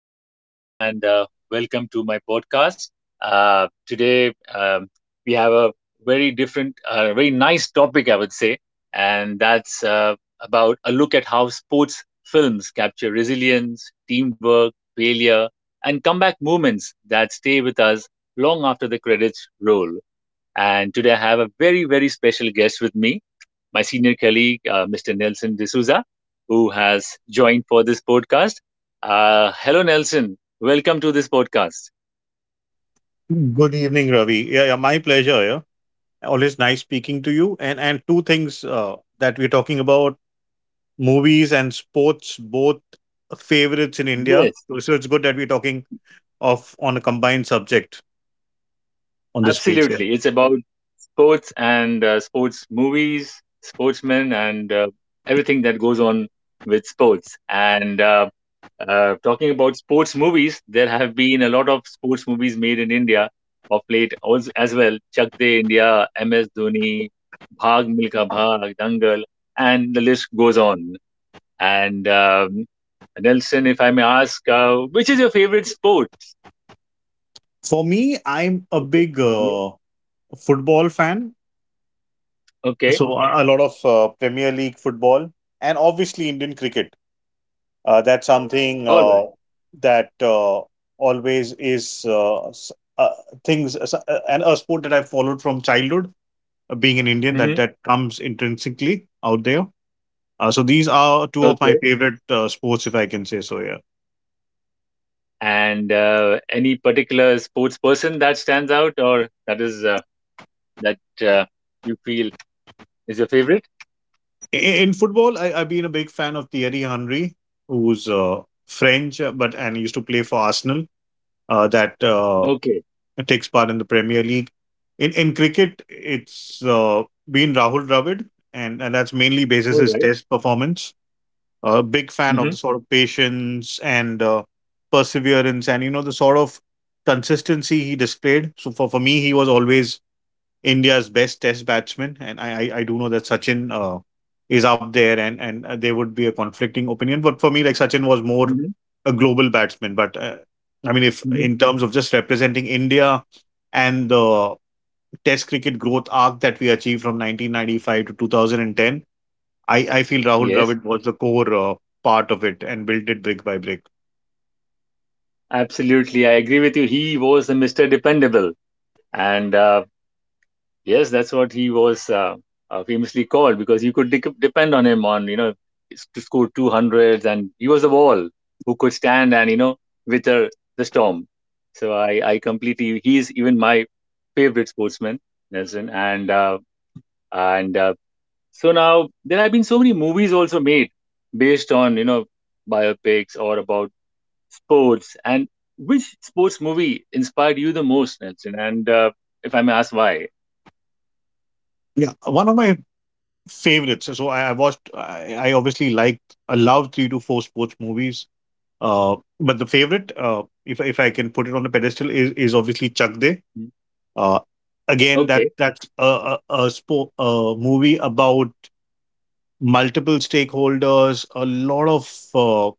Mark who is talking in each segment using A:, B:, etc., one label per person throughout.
A: This is Ravi, and welcome to my podcast. Today, we have a very different, very nice topic, I would say, and that's about a look at how sports films capture resilience, teamwork, failure, and comeback moments that stay with us long after the credits roll. And today I have a very, very special guest with me, my senior colleague, Mr. Nelson D'Souza, who has joined for this podcast. Hello, Nelson. Welcome to this podcast.
B: Good evening, Ravi. Yeah, yeah, my pleasure. Yeah, always nice speaking to you. And two things that we're talking about: movies and sports, both favorites in India.
A: Yes,
B: So it's good that we're talking of on a combined subject on this page here.
A: absolutely. It's about sports and sports movies, sportsmen, and everything that goes on with sports. And talking about sports movies, there have been a lot of sports movies made in India of late as well. Chak De India, MS Dhoni, Bhag Milka Bhag, Dangal, and the list goes on. And Nelson, if I may ask, which is your favorite sport?
B: For me, I'm a
A: Is it-
B: big
A: yeah,
B: football fan,
A: okay,
B: so a lot of Premier League football and obviously Indian cricket. That's something
A: all right.
B: that always is s- uh, things s- and a sport that I followed from childhood, being an Indian, that
A: Hmm.
B: that comes intrinsically out there. So these are two of my
A: Okay,
B: favorite sports, if I can say so. Yeah.
A: and any particular sports person that stands out or that is that uh, you feel is your favorite?
B: In football, I've been a big fan of Thierry Henry, who's French, but and used to play for Arsenal. That
A: Okay,
B: takes part in the Premier League. In cricket, it's been Rahul Dravid, and that's mainly basis
A: all
B: his
A: right.
B: test performance. A big fan of the
A: Mhm.
B: sort of patience and perseverance, and you know the sort of consistency he displayed. So for me, he was always India's best test batsman, and I do know that Sachin is up there, and there would be a conflicting opinion. But for me, like Sachin was more
A: Hmm.
B: a global batsman. But I mean, if
A: Hmm.
B: in terms of just representing India and the Test cricket growth arc that we achieved from 1995 to 2010, I feel Rahul
A: Yes,
B: Dravid was the core part of it and built it brick by brick.
A: absolutely. I agree with you. He was the Mr. Dependable. And yes, that's what he was famously called because you could dec depend on him on, you know, to score 200s. And he was a wall who could stand and, you know, wither the storm. So I completely, he's even my favorite sportsman, Nelson. And So now there have been so many movies also made based on, you know, biopics or about sports. And which sports movie inspired you the most, Nelson? And if I may ask why?
B: Yeah, one of my favorites. I obviously like I love three to four sports movies. But the favorite, if I can put it on the pedestal, is obviously Chak De.
A: Mm,
B: Uh, again, that
A: okay.
B: that's a, spo- a movie about multiple stakeholders, a lot of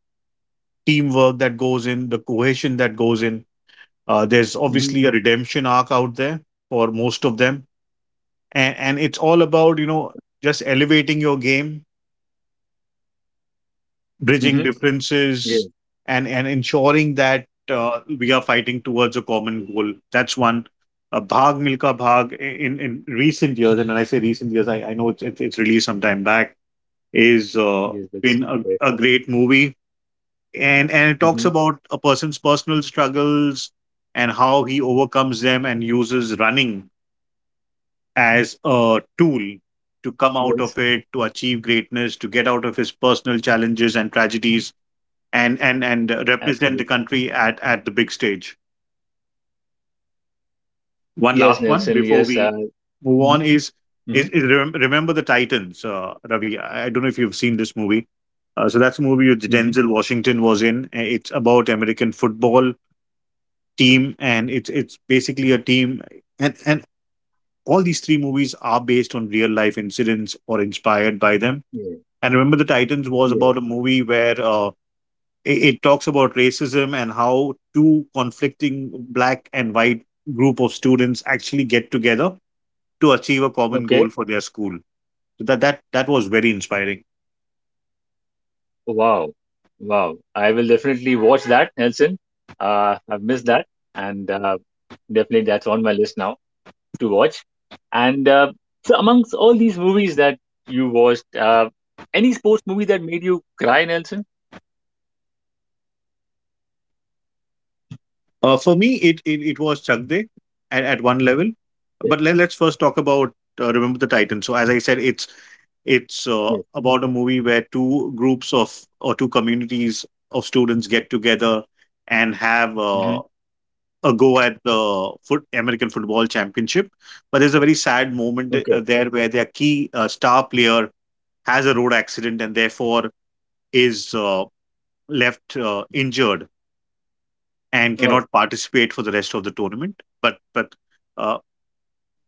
B: teamwork that goes in, the cohesion that goes in. There's
A: Hmm.
B: obviously a redemption arc out there for most of them, and it's all about you know just elevating your game,
A: Hmm.
B: bridging
A: Yes,
B: differences, and ensuring that we are fighting towards a common goal. That's one. Bhag milka bhag, in recent years, and when I say recent years, I know it's, it's released some time back, is
A: yes, that's
B: been a,
A: true.
B: a great movie, and it
A: Mm-hmm.
B: talks about a person's personal struggles and how he overcomes them and uses running as a tool
A: Yes,
B: to come out of it, to achieve greatness, to get out of his personal challenges and tragedies, and represent
A: absolutely.
B: the country at the big stage. One
A: Yes,
B: last one
A: Nelson.
B: before
A: Yes.
B: we move
A: Hmm.
B: on is
A: Hmm.
B: is, is Remem- remember the Titans, Ravi. I don't know if you've seen this movie. So that's a movie which
A: Hmm.
B: Denzel Washington was in. It's about American football team, and it's basically a team, and all these three movies are based on real life incidents or inspired by them.
A: Yeah,
B: And remember, the Titans was
A: yeah.
B: about a movie where it talks about racism and how two conflicting black and white group of students actually get together to achieve a common
A: Okay.
B: goal for their school. So that was very inspiring.
A: Wow. Wow. I will definitely watch that, Nelson. I've missed that. And definitely that's on my list now to watch. And so, amongst all these movies that you watched, any sports movie that made you cry, Nelson?
B: For me, it was Chakde at one level,
A: Yes.
B: but let's first talk about Remember the Titan. So as I said, it's it's
A: Yes.
B: uh, about a movie where two groups of or two communities of students get together and have
A: Hmm.
B: a go at the foot American Football Championship. But there's a very sad moment
A: Okay.
B: there where their key star player has a road accident and therefore is left injured and
A: Oh,
B: cannot participate for the rest of the tournament. But uh,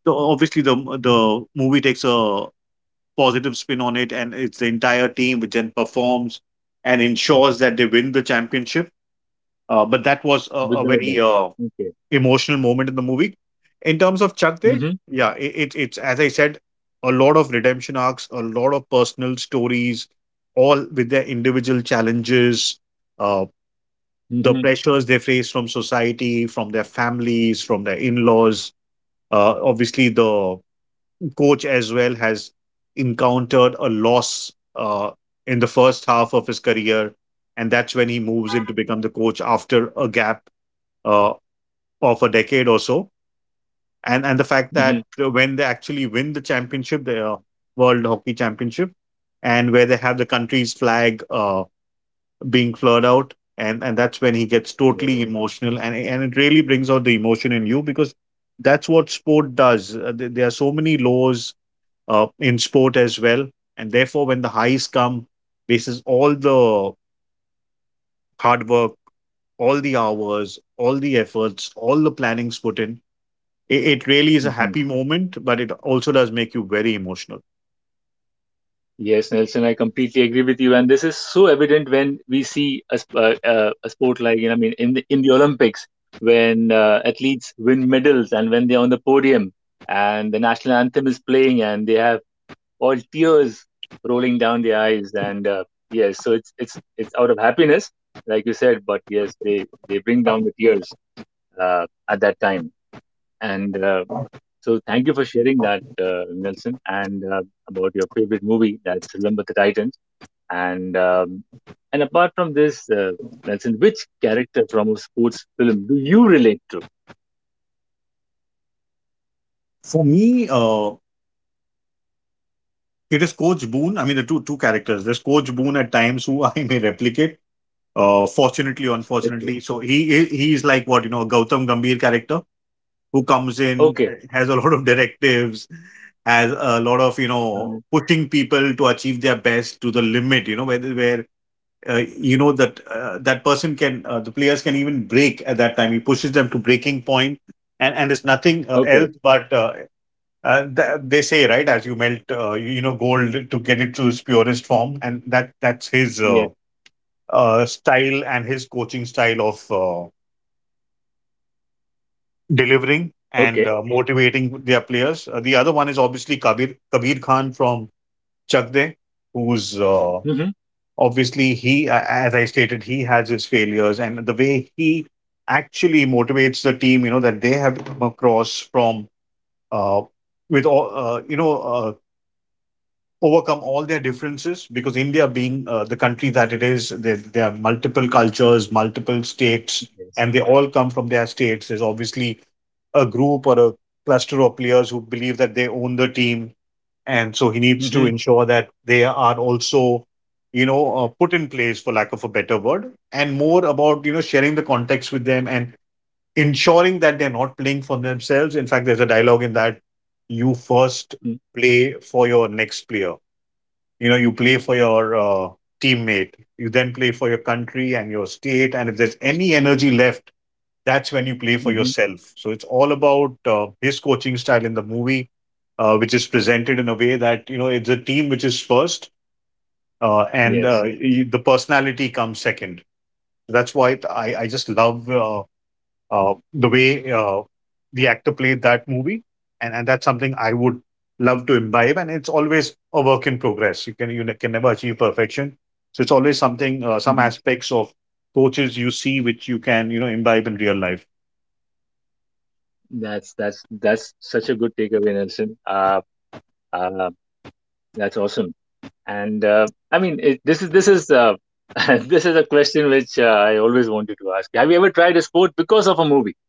B: obviously the movie takes a positive spin on it, and it's the entire team which then performs and ensures that they win the championship. But that was a
A: without that.
B: very
A: Okay.
B: emotional moment in the movie. In terms of Chak De,
A: Mm-hmm.
B: yeah, it's as I said, a lot of redemption arcs, a lot of personal stories, all with their individual challenges, uh,
A: Mm-hmm.
B: the pressures they face from society, from their families, from their in laws. Obviously, the coach as well has encountered a loss uh, in the first half of his career, and that's when he moves in to become the coach after a gap uh, of a decade or so, and the fact
A: Mm-hmm.
B: that when they actually win the championship, the World Hockey Championship, and where they have the country's flag being flowed out, and that's when he gets
A: Yes.
B: totally emotional, and it really brings out the emotion in you because that's what sport does. There are so many lows in sport as well, and therefore when the highs come, this is all the hard work, all the hours, all the efforts, all the plannings put in, it really is a
A: Hmm.
B: happy moment, but it also does make you very emotional.
A: Yes, Nelson, I completely agree with you, and this is so evident when we see a sport like you know, I mean, in the Olympics, when athletes win medals and when they're on the podium and the national anthem is playing and they have all tears rolling down their eyes and yes, so it's out of happiness like you said, but yes, they bring down the tears at that time. And so thank you for sharing that, Nelson. And about your favorite movie, that's Remember the Titans. and um, and apart from this, Nelson, which character from a sports film do you relate to?
B: For me, it is Coach Boone. I mean, the two characters. There's Coach Boone at times who I may replicate. Fortunately,
A: Okay.
B: unfortunately, so he is like what you know, a Gautam Gambhir character who comes in
A: Okay.
B: has a lot of directives, has a lot of you
A: uh
B: know pushing people to achieve their best to the limit. You know where you know that that person can the players can even break at that time. He pushes them to breaking point, and it's nothing
A: okay.
B: else but. They say right, as you melt you you know gold to get it to its purest form, and that's his
A: Yes.
B: style and his coaching style of delivering and
A: Okay.
B: motivating their players. The other one is obviously Kabir Khan from Chakde, who's
A: Hmm.
B: obviously, as I stated, he has his failures and the way he actually motivates the team, you know, that they have come across from uh, with all overcome all their differences, because India being the country that it is, there are multiple cultures, multiple states,
A: Yes.
B: and they all come from their states. There's obviously a group or a cluster of players who believe that they own the team, and so he needs to
A: Hmm.
B: ensure that they are also you know put in place, for lack of a better word, and more about you know sharing the context with them and ensuring that they're not playing for themselves. In fact, there's a dialogue in that: you first play for your next player, you know, you play for your teammate, you then play for your country and your state, and if there's any energy left, that's when you play for
A: Hmm.
B: yourself. So it's all about his coaching style in the movie, which is presented in a way that you know it's a team which is first, and
A: Yes.
B: the personality comes second. That's why I just love the way the actor played that movie, and that's something I would love to imbibe. And it's always a work in progress. You can never achieve perfection. So it's always something, some
A: Mhm.
B: aspects of coaches you see which you can you know imbibe in real life.
A: That's such a good takeaway, Nelson. Uh, that's awesome. And I mean, this is this is a question which I always wanted to ask. Have you ever tried a sport because of a movie?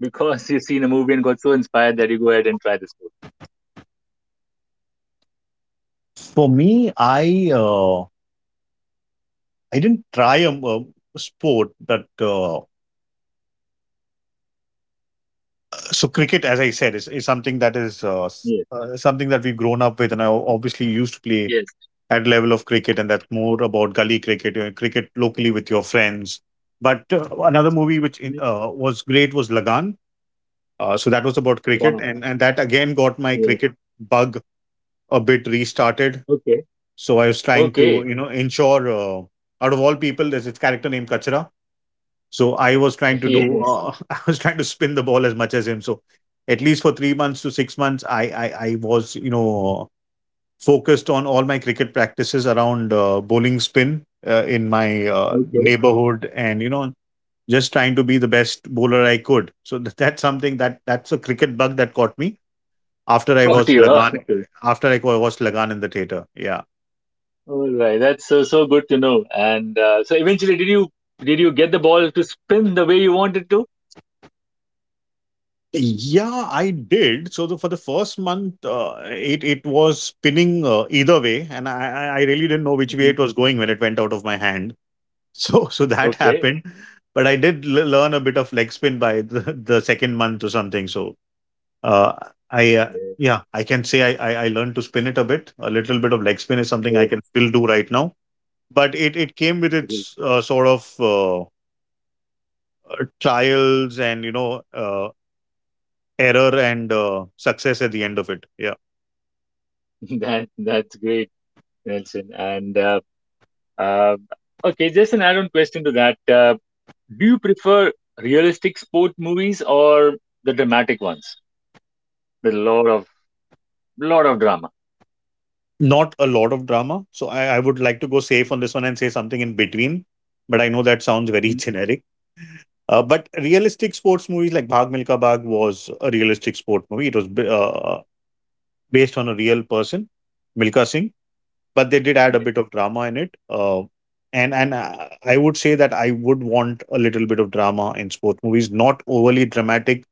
A: Because you've seen a movie and got so inspired that you go ahead and try the sport.
B: For me, I didn't try a sport, but so cricket, as I said, is something that is
A: Yes.
B: something that we've grown up with, and I obviously used to play
A: Yes.
B: at level of cricket, and that's more about gully cricket, cricket locally with your friends. But another movie which
A: Mhm.
B: was great was Lagan. So that was about cricket,
A: Wow.
B: and that again got my
A: Yes.
B: cricket bug a bit restarted.
A: Okay.
B: So I was trying to,
A: Okay.
B: you know, ensure out of all people, there's this character named Kachra. So I was trying to do,
A: Yes.
B: I was trying to spin the ball as much as him. So at least for 3 months to 6 months, I was, you know, focused on all my cricket practices around bowling spin in my
A: Okay.
B: neighborhood, and you know, just trying to be the best bowler I could. So that's something that that's a cricket bug that caught me after I
A: Got
B: watched
A: you. Oh,
B: Lagan,
A: okay.
B: after I watched Lagan in the theater. Yeah.
A: All right. That's so good to know. And so eventually, did you get the ball to spin the way you wanted to?
B: Yeah, I did. So the, for the first month, it was spinning either way, and I really didn't know which way it was going when it went out of my hand. So that
A: Okay,
B: happened, but I did learn a bit of leg spin by the second month or something. So uh, I
A: yeah,
B: yeah, I can say I learned to spin it a bit. A little bit of leg spin is something I
A: great,
B: can still do right now, but it came with
A: great.
B: its sort of trials and error and success at the end of it. Yeah.
A: That's great, Nelson. And uh, okay, just an add-on question to that. Do you prefer realistic sport movies or the dramatic ones with a lot of drama?
B: Not a lot of drama. So I would like to go safe on this one and say something in between. But I know that sounds very
A: Hmm.
B: generic. But realistic sports movies like Bhag Milka Bhag was a realistic sport movie. It was based on a real person, Milka Singh. But they did add a
A: Yeah.
B: bit of drama in it. And I would say that I would want a little bit of drama in sports movies, not overly dramatic,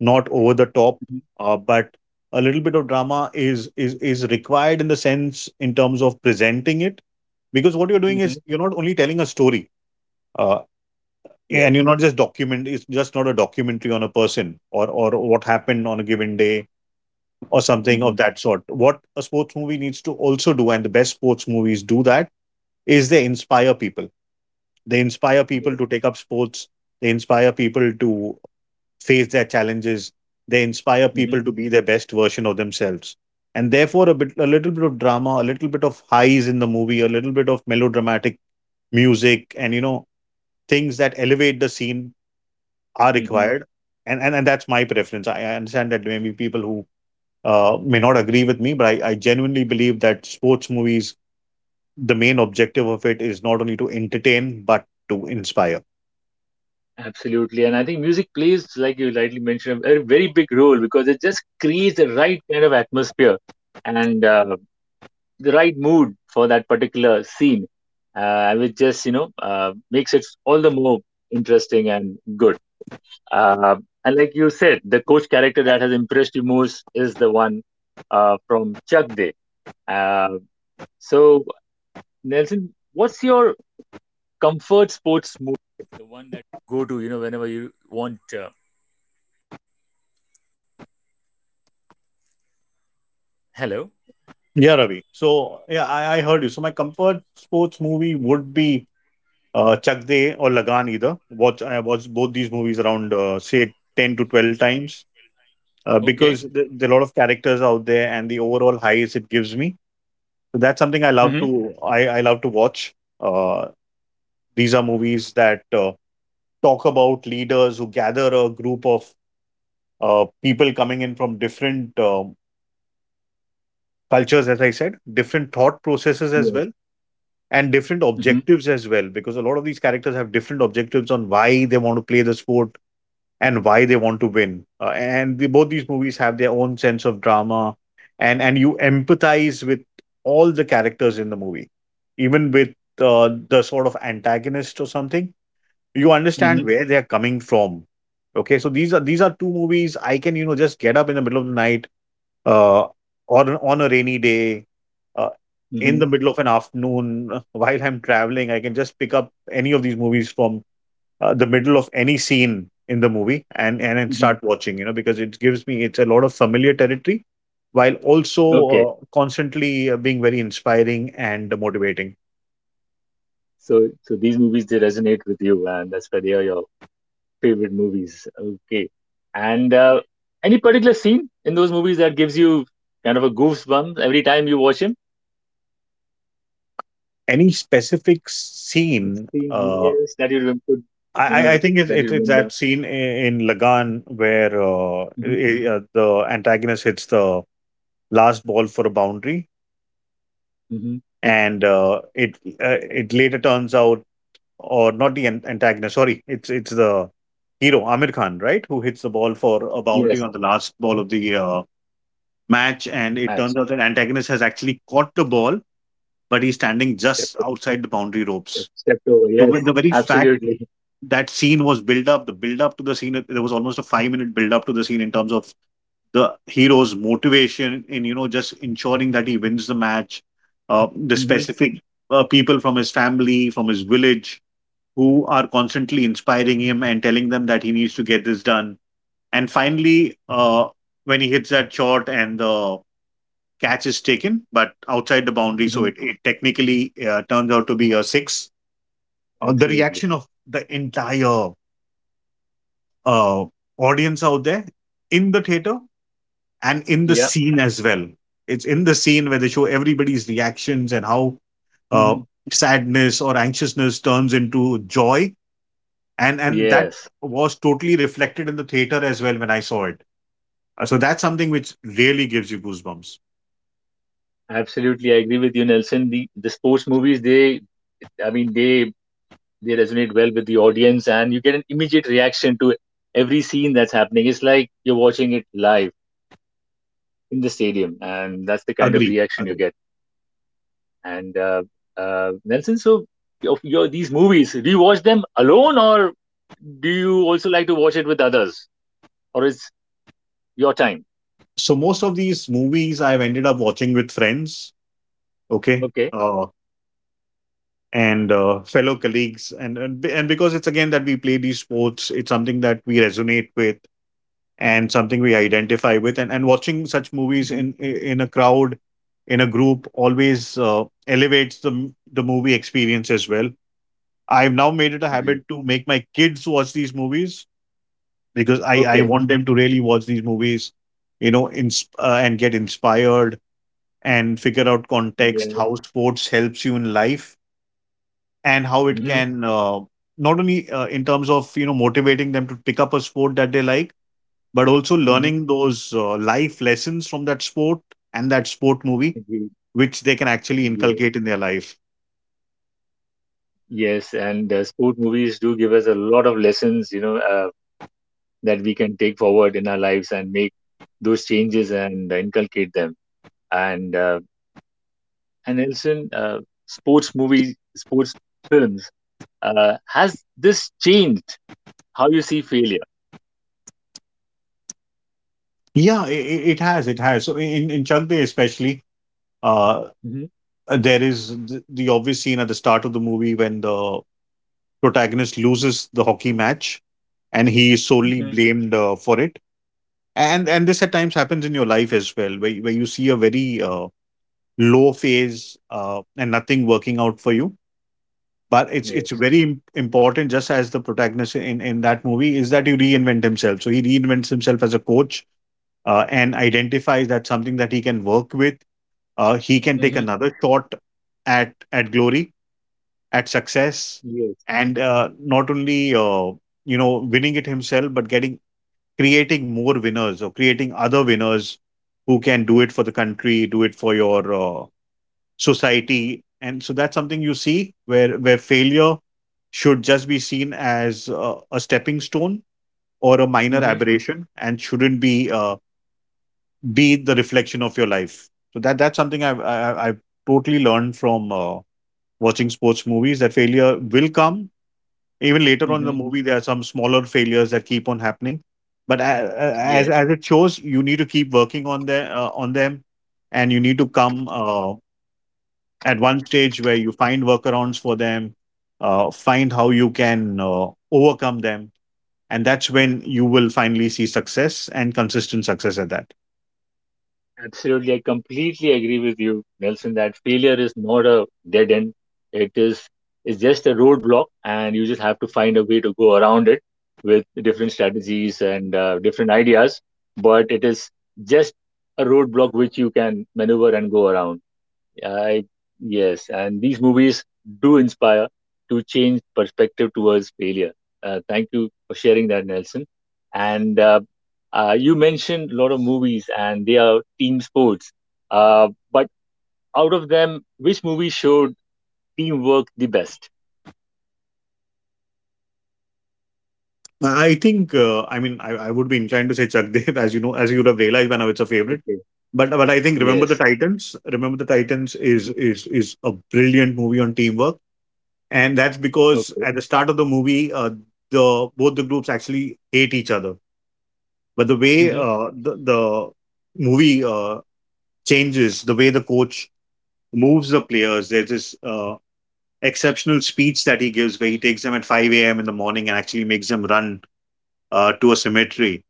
B: not over the top,
A: Mm-hmm.
B: but a little bit of drama is required in the sense in terms of presenting it, because what you're doing is
A: Hmm.
B: you're not only telling a story, uh, and
A: Yeah.
B: you're not just document. It's just not a documentary on a person or what happened on a given day or something
A: Hmm.
B: of that sort. What a sports movie needs to also do, and the best sports movies do that, is they inspire people. They inspire
A: Yeah.
B: people to take up sports. They inspire people to face their challenges. They inspire
A: Hmm.
B: people to be their best version of themselves. And therefore, a little bit of drama, a little bit of highs in the movie, a little bit of melodramatic music, and things that elevate the scene are
A: Hmm.
B: required. And that's my preference. I understand that maybe people who may not agree with me, but I genuinely believe that sports movies, the main objective of it is not only to entertain but to inspire.
A: Absolutely. And I think music plays, like you lightly mentioned, a very, very big role because it just creates the right kind of atmosphere and the right mood for that particular scene, which just you know makes it all the more interesting and good. Uh, and like you said, the coach character that has impressed you most is the one from Chuck Day. Uh, so Nelson, what's your comfort
B: Yeah, Ravi. So yeah, I heard you. So my comfort sports movie would be Chak De or Lagan either. Watch I watched both these movies around say 10 to 12 times because there are a lot of characters out there and the overall highs it gives me. So that's something
A: Mm-hmm.
B: I love to watch. Uh, these are movies that talk about leaders who gather a group of people coming in from different cultures, as I said, different thought processes as
A: Yes.
B: well, and different
A: Mm-hmm.
B: objectives as well, because a lot of these characters have different objectives on why they want to play the sport and why they want to win. And both these movies have their own sense of drama, and you empathize with all the characters in the movie, even with uh, the sort of antagonist or something. You
A: Mm-hmm.
B: understand where they're coming from. Okay, so these are two movies I can, you know, just get up in the middle of the night, uh or on a rainy day, uh,
A: Mm-hmm.
B: in the middle of an afternoon, while I'm traveling. I can just pick up any of these movies from the middle of any scene in the movie and then
A: Hmm.
B: start watching, you know, because it gives me, it's a lot of familiar territory while also
A: Okay.
B: constantly being very inspiring and motivating.
A: So these movies they resonate with you, and that's why they are your favorite movies. Okay. And any particular scene in those movies that gives you kind of a goosebumps every time you watch him?
B: Any specific
A: It's
B: scene,
A: the years that you remember, you
B: I
A: know,
B: think
A: that you
B: it's
A: remember.
B: that scene in Lagan where
A: Hmm.
B: the antagonist hits the last ball for a boundary,
A: Hmm.
B: and it, it later turns out, or not the antagonist, sorry, it's the hero Amir Khan, right, who hits the ball for a boundary
A: Yes.
B: on the last ball of the match, and it turns
A: Match.
B: out that antagonist has actually caught the ball, but he's standing
A: Step,
B: just outside the boundary
A: step,
B: ropes.
A: step over.
B: So
A: Yes.
B: with the very fact
A: Absolutely.
B: that scene was built up. The build up to the scene, there was almost a 5 minute build up to the scene in terms of the hero's motivation in, you know, just ensuring that he wins the match. The
A: Hmm.
B: specific people from his family, from his village, who are constantly inspiring him and telling them that he needs to get this done. And finally, when he hits that shot and the catch is taken, but outside the boundary, so
A: Hmm.
B: it technically turns out to be a six. The
A: Absolutely.
B: reaction of the entire uh, audience out there in the theater and in the
A: Yeah.
B: scene as well. It's in the scene where they show everybody's reactions and how uh,
A: Hmm.
B: sadness or anxiousness turns into joy, and that
A: Yes.
B: was totally reflected in the theater as well when I saw it. So that's something which really gives you goosebumps.
A: Absolutely, I agree with you, Nelson. The sports movies, they, I mean, they resonate well with the audience, and you get an immediate reaction to every scene that's happening. It's like you're watching it live in the stadium, and that's the kind of
B: Agree,
A: reaction you
B: agree.
A: get. And Nelson, so your these movies, do you watch them alone, or do you also like to watch it with others, or it's your time?
B: So most of these movies I've ended up watching with friends. Okay.
A: Okay.
B: And Fellow colleagues, and because it's again that we play these sports, it's something that we resonate with and something we identify with, and watching such movies
A: Hmm.
B: in in a crowd, in a group, always elevates the the movie experience as well. I've now made it a habit
A: Agree.
B: to make my kids watch these movies because I
A: Okay,
B: want them to really watch these movies, you know, and get inspired and figure out context,
A: yeah.
B: how sports helps you in life and how it
A: Hmm.
B: can not only in terms of, you know, motivating them to pick up a sport that they like, but also
A: Hmm.
B: learning those life lessons from that sport and that sport movie, which they can actually
A: Agree.
B: inculcate in their life.
A: Yes, and sport movies do give us a lot of lessons, you know, that we can take forward in our lives and make those changes and inculcate them. And uh, and Nelson, sports movies, sports films, has this changed how you see failure?
B: Yeah, it has, it has. So in Chak De especially, uh,
A: Mm-hmm.
B: there is the obvious scene at the start of the movie when the protagonist loses the hockey match and he is solely
A: Mm-hmm.
B: blamed for it. And this at times happens in your life as well, where, where you see a very low phase and nothing working out for you. But it's
A: Yes.
B: very important, just as the protagonist in that movie is that you reinvent himself. So he reinvents himself as a coach and identifies that something that he can work with. He can take
A: Mm-hmm.
B: another shot at glory, at success,
A: Yes.
B: and not only you know winning it himself, but getting, creating more winners, or creating other winners who can do it for the country, do it for your society. And so that's something you see where failure should just be seen as a stepping stone or a minor
A: Mm-hmm.
B: aberration, and shouldn't be the reflection of your life. So that that's something I've I- I've totally learned from watching sports movies, that failure will come. Even later on in the
A: Mm-hmm.
B: movie, there are some smaller failures that keep on happening, but
A: Yes.
B: as it shows, you need to keep working on the on them, and you need to come at one stage where you find workarounds for them, find how you can overcome them. And that's when you will finally see success, and consistent success at that.
A: Absolutely, I completely agree with you, Nelson, that failure is not a dead end. It is it's just a roadblock, and you just have to find a way to go around it with different strategies and different ideas. But it is just a roadblock which you can maneuver and go around. I Yes, and these movies do inspire to change perspective towards failure. Thank you for sharing that, Nelson. And you mentioned a lot of movies, and they are team sports. But out of them, which movie showed teamwork the best?
B: I think, I mean, I would be inclined to say Chuck Dev, as you know, as you would have realized by now, it's a favorite.
A: Okay.
B: But I think
A: Yes.
B: Remember the Titans is a brilliant movie on teamwork, and that's because
A: Okay.
B: at the start of the movie, the both the groups actually hate each other. But the way
A: Mm-hmm.
B: the movie changes, the way the coach moves the players. There's this exceptional speech that he gives where he takes them at 5 a.m. in the morning and actually makes them run to a cemetery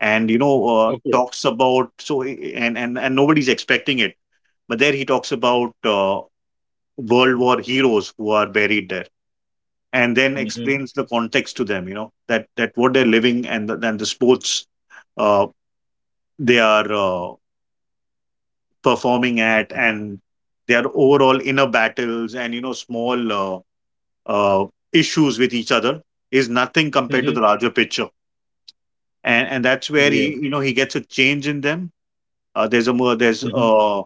B: and, you know,
A: Okay.
B: talks about, and nobody's expecting it. But there he talks about World War heroes who are buried there, and then
A: Mm-hmm.
B: explains the context to them, you know, that what they're living, and the sports uh, they are performing at, and their overall inner battles and, you know, small uh, uh, issues with each other is nothing compared to
A: Mm-hmm.
B: the larger picture. And that's where he,
A: Yeah.
B: you know, he gets a change in them. There's
A: Mm-hmm.
B: a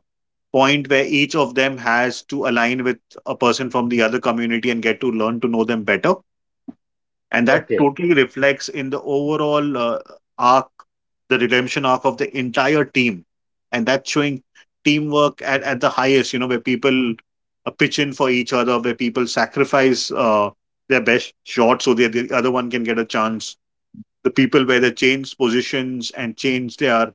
B: point where each of them has to align with a person from the other community and get to learn to know them better, and that
A: Okay.
B: totally reflects in the overall arc, the redemption arc of the entire team. And that's showing teamwork at the highest, you know, where people pitch in for each other, where people sacrifice their best shot so that the other one can get a chance, the people where they change positions and change their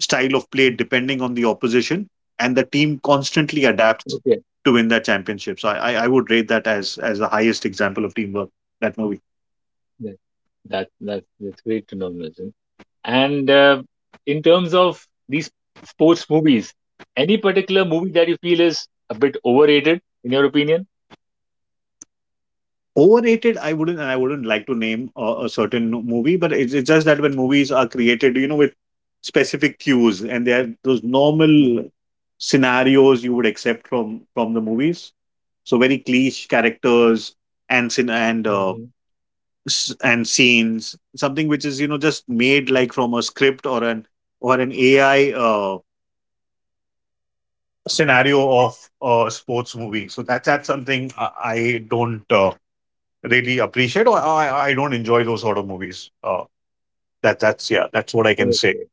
B: style of play depending on the opposition, and the team constantly
A: Okay.
B: adapts to win that championship. So I would rate that as the highest example of teamwork, that movie.
A: That, that's great to know, Nitin. And in terms of these sports movies, any particular movie that you feel is a bit overrated, in your opinion?
B: Overrated, I wouldn't, and I wouldn't like to name a certain movie, but it's just that when movies are created, you know, with specific cues, and they are those
A: Mhm.
B: normal scenarios you would accept from the movies. So very cliche characters and
A: Hmm.
B: and scenes, something which is, you know, just made like from a script or an AI scenario of a sports movie. So that's something I don't. Really appreciate, or I don't enjoy those sort of movies. That that's yeah, that's what I can say.
A: Okay,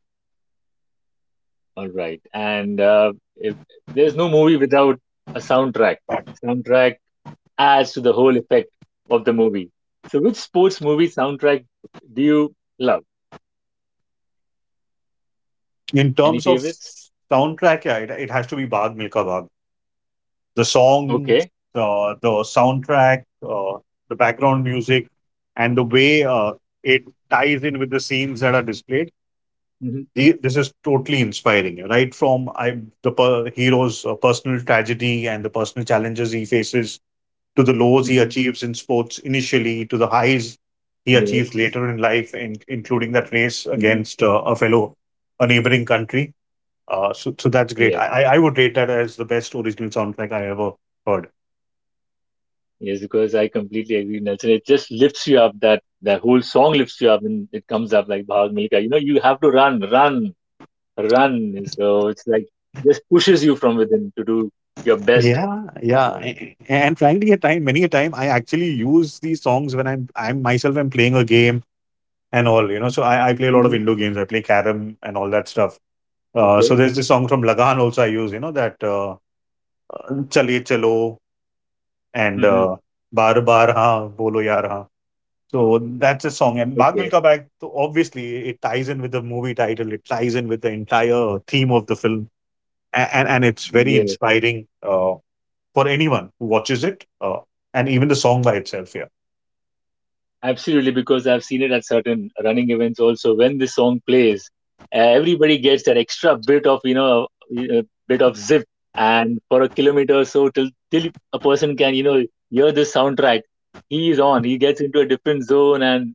A: all right. And if, there's no movie without a soundtrack. Soundtrack adds to the whole effect of the movie. So, which sports movie soundtrack do you love?
B: In
A: Any
B: terms of
A: favorites?
B: soundtrack, yeah, it has to be Bag Milka Bag. The song,
A: Okay.
B: the soundtrack, the background music, and the way it ties in with the scenes that are displayed.
A: Mm-hmm.
B: This is totally inspiring, right? From I the per, Hero's personal tragedy and the personal challenges he faces, to the lows he
A: Mm-hmm.
B: achieves in sports initially, to the highs he
A: Yes.
B: achieves later in life, in, including that race
A: Mm-hmm.
B: against a fellow, a neighboring country. So that's great.
A: Yeah.
B: I would rate that as the best original soundtrack I ever heard.
A: Yes, because I completely agree, Nelson. It just lifts you up. That whole song lifts you up, and it comes up like Bhag Milka. You know, you have to run, run, run. So it's like just pushes you from within to do your best.
B: Yeah, yeah.
A: Uh,
B: And frankly, at time, many a time, I actually use these songs when I'm myself, I'm playing a game and all, you know. So I play a lot of
A: mhm.
B: indoor games. I play carom and all that stuff. So
A: Okay.
B: there's this song from Lagan also I use, you know, that Chale Chalo. एड
A: Hmm.
B: bar bar ha, bolo यार ha. So that's a song, and "Bhag
A: Okay.
B: Milka Bhag," so obviously it ties in with the movie title, it ties in with the entire theme of the film. A And it's very
A: Yeah.
B: inspiring, uh, for anyone who watches it, uh, and even the song by itself, yeah.
A: Absolutely, because I've seen it at certain running events also. When this song plays, everybody gets that extra bit of you know bit of zip, and for a kilometer or so, till a person can you know hear this soundtrack, he is on. He gets into a different zone and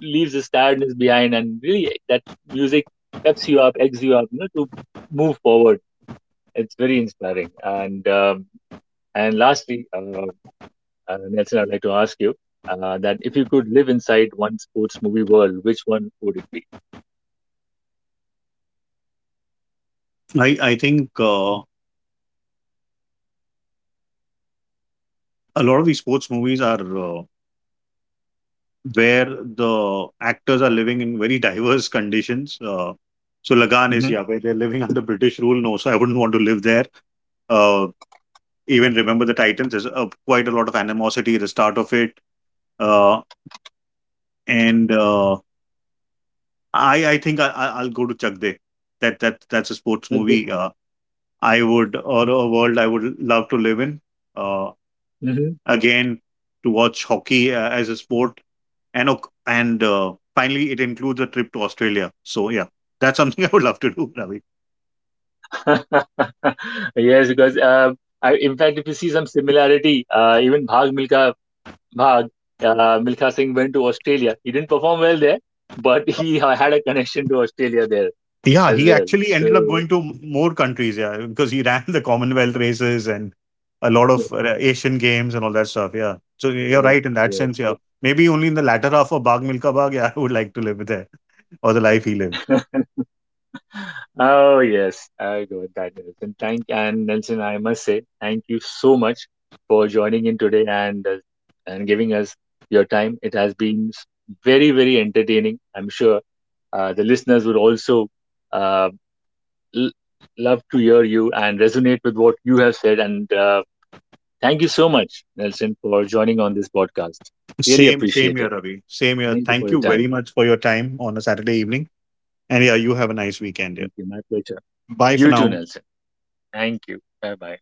A: leaves the tiredness behind, and really that music peps you up, eggs you up, you know, to move forward. It's very inspiring. And lastly, Nelson, I'd like to ask you that if you could live inside one sports movie world, which one would it be?
B: I think, a lot of these sports movies are, where the actors are living in very diverse conditions. So Lagan is,
A: Hmm.
B: yeah, where they're living under British rule. No, so I wouldn't want to live there. Uh Even Remember the Titans. There's quite a lot of animosity at the start of it, uh, and I think I- I'll go to Chak De. That that that's a sports
A: Okay.
B: movie. I would, or a world I would love to live in. Uh,
A: Hmm.
B: Again, to watch hockey as a sport, and finally it includes a trip to Australia. So yeah, that's something I would love to do, Ravi.
A: Yes, because I, in fact, if you see some similarity, even Bhag Milka Bhag, Milka Singh went to Australia. He didn't perform well there, but he had a connection to Australia there
B: Yeah,
A: as
B: he
A: well.
B: actually
A: So
B: ended up going to more countries, yeah, because he ran the Commonwealth races and a lot
A: yes,
B: of Asian games and all that stuff. Yeah, so you're
A: yes,
B: right in that
A: yes.
B: sense. Yeah, maybe only in the latter half of Bagh Milka Bagh, yeah, I would like to live there, or the life he lived.
A: Oh yes, I go that, Nelson. Thank and Nelson, I must say thank you so much for joining in today and giving us your time. It has been very very entertaining. I'm sure the listeners would also uh, l love to hear you and resonate with what you have said. And thank you so much, Nelson, for joining on this podcast. Really
B: Same, same
A: appreciate
B: year,
A: it.
B: Ravi. Same year.
A: Thank you for
B: Thank
A: your
B: you
A: time.
B: very much for your time on a Saturday evening, and yeah, you have a nice weekend. Yeah,
A: Thank you. My pleasure.
B: bye for
A: You too,
B: now.
A: Nelson. Thank you. Bye bye.